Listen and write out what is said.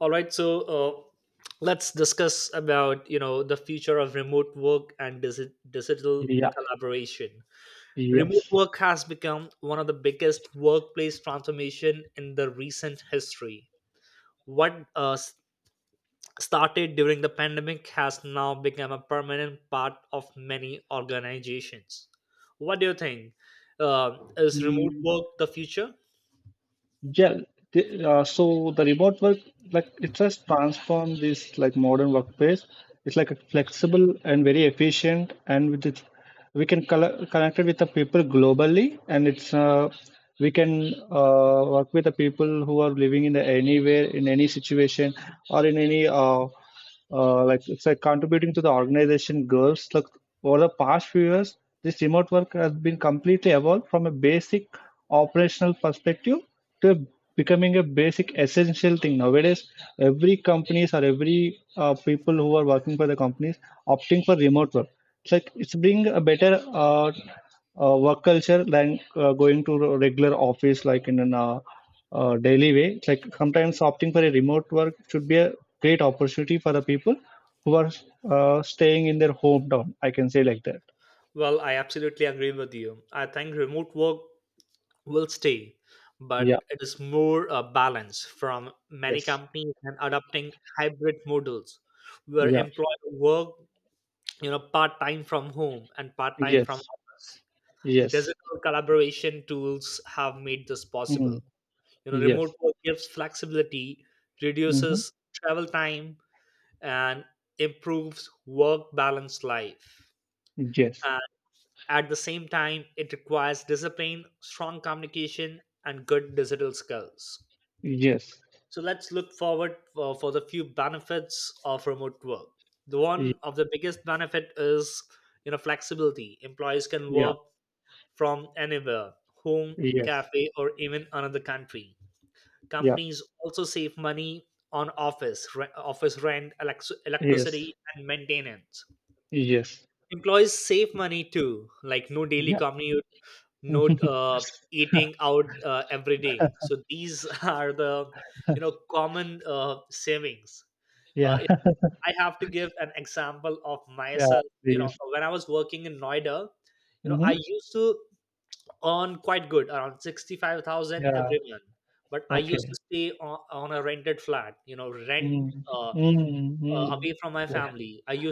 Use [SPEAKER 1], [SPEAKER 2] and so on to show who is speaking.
[SPEAKER 1] All right, so let's discuss about the future of remote work and digital
[SPEAKER 2] Yeah,
[SPEAKER 1] collaboration. Remote
[SPEAKER 2] yes.
[SPEAKER 1] work has become one of the biggest workplace transformation in the recent history. What started during the pandemic has now become a permanent part of many organizations. What do you think? Is remote
[SPEAKER 2] Mm,
[SPEAKER 1] work the future?
[SPEAKER 2] yeah. So the remote work, like it has transformed this like modern workplace. It's like a flexible and very efficient, and with it, we can connect it with the people globally, and it's we can work with the people who are living in the anywhere in any situation or in any like it's like contributing to the organization goals. Like over the past few years, this remote work has been completely evolved from a basic operational perspective to becoming a basic essential thing nowadays. Every companies or every people who are working for the companies opting for remote work. It's like it's bring a better work culture like going to a regular office like in a uh, daily way. It's like sometimes opting for a remote work should be a great opportunity for the people who are staying in their hometown. I can say like that.
[SPEAKER 1] Well, I absolutely agree with you. I think remote work will stay,
[SPEAKER 2] Yeah.
[SPEAKER 1] but it is more a balance from many
[SPEAKER 2] Yes.
[SPEAKER 1] companies and adopting hybrid models where
[SPEAKER 2] Yeah.
[SPEAKER 1] employees work, part time from home and part time from
[SPEAKER 2] Yes.
[SPEAKER 1] office.
[SPEAKER 2] Yes.
[SPEAKER 1] Digital collaboration tools have made this possible.
[SPEAKER 2] Mm.
[SPEAKER 1] Remote
[SPEAKER 2] Yes.
[SPEAKER 1] work gives flexibility,
[SPEAKER 2] Hmm.
[SPEAKER 1] reduces travel time, and improves work balance life.
[SPEAKER 2] Yes.
[SPEAKER 1] And at the same time, it requires discipline, strong communication, and good digital skills.
[SPEAKER 2] Yes.
[SPEAKER 1] So let's look forward for the few benefits of remote work. The
[SPEAKER 2] Ye-
[SPEAKER 1] one of the biggest benefit is flexibility. Employees can
[SPEAKER 2] Yeah.
[SPEAKER 1] work from anywhere, home,
[SPEAKER 2] Yes.
[SPEAKER 1] cafe, or even another country.
[SPEAKER 2] Yeah.
[SPEAKER 1] Companies also save money on office rent,
[SPEAKER 2] Yes.
[SPEAKER 1] electricity, and maintenance.
[SPEAKER 2] Yes.
[SPEAKER 1] Employees save money too, like no daily
[SPEAKER 2] Yeah.
[SPEAKER 1] commute, no eating out every day. So these are the common savings.
[SPEAKER 2] Yeah.
[SPEAKER 1] If I have to give an example of
[SPEAKER 2] Yeah.
[SPEAKER 1] myself,
[SPEAKER 2] Yes.
[SPEAKER 1] so when I was working in Noida, I
[SPEAKER 2] Hmm.
[SPEAKER 1] used to earn quite good around 65,000
[SPEAKER 2] Yeah.
[SPEAKER 1] every month, but I used to
[SPEAKER 2] Okay.
[SPEAKER 1] stay on a rented flat, rent,
[SPEAKER 2] 嗯
[SPEAKER 1] uh,
[SPEAKER 2] 嗯
[SPEAKER 1] away
[SPEAKER 2] 嗯，
[SPEAKER 1] from my
[SPEAKER 2] 对，
[SPEAKER 1] family. I used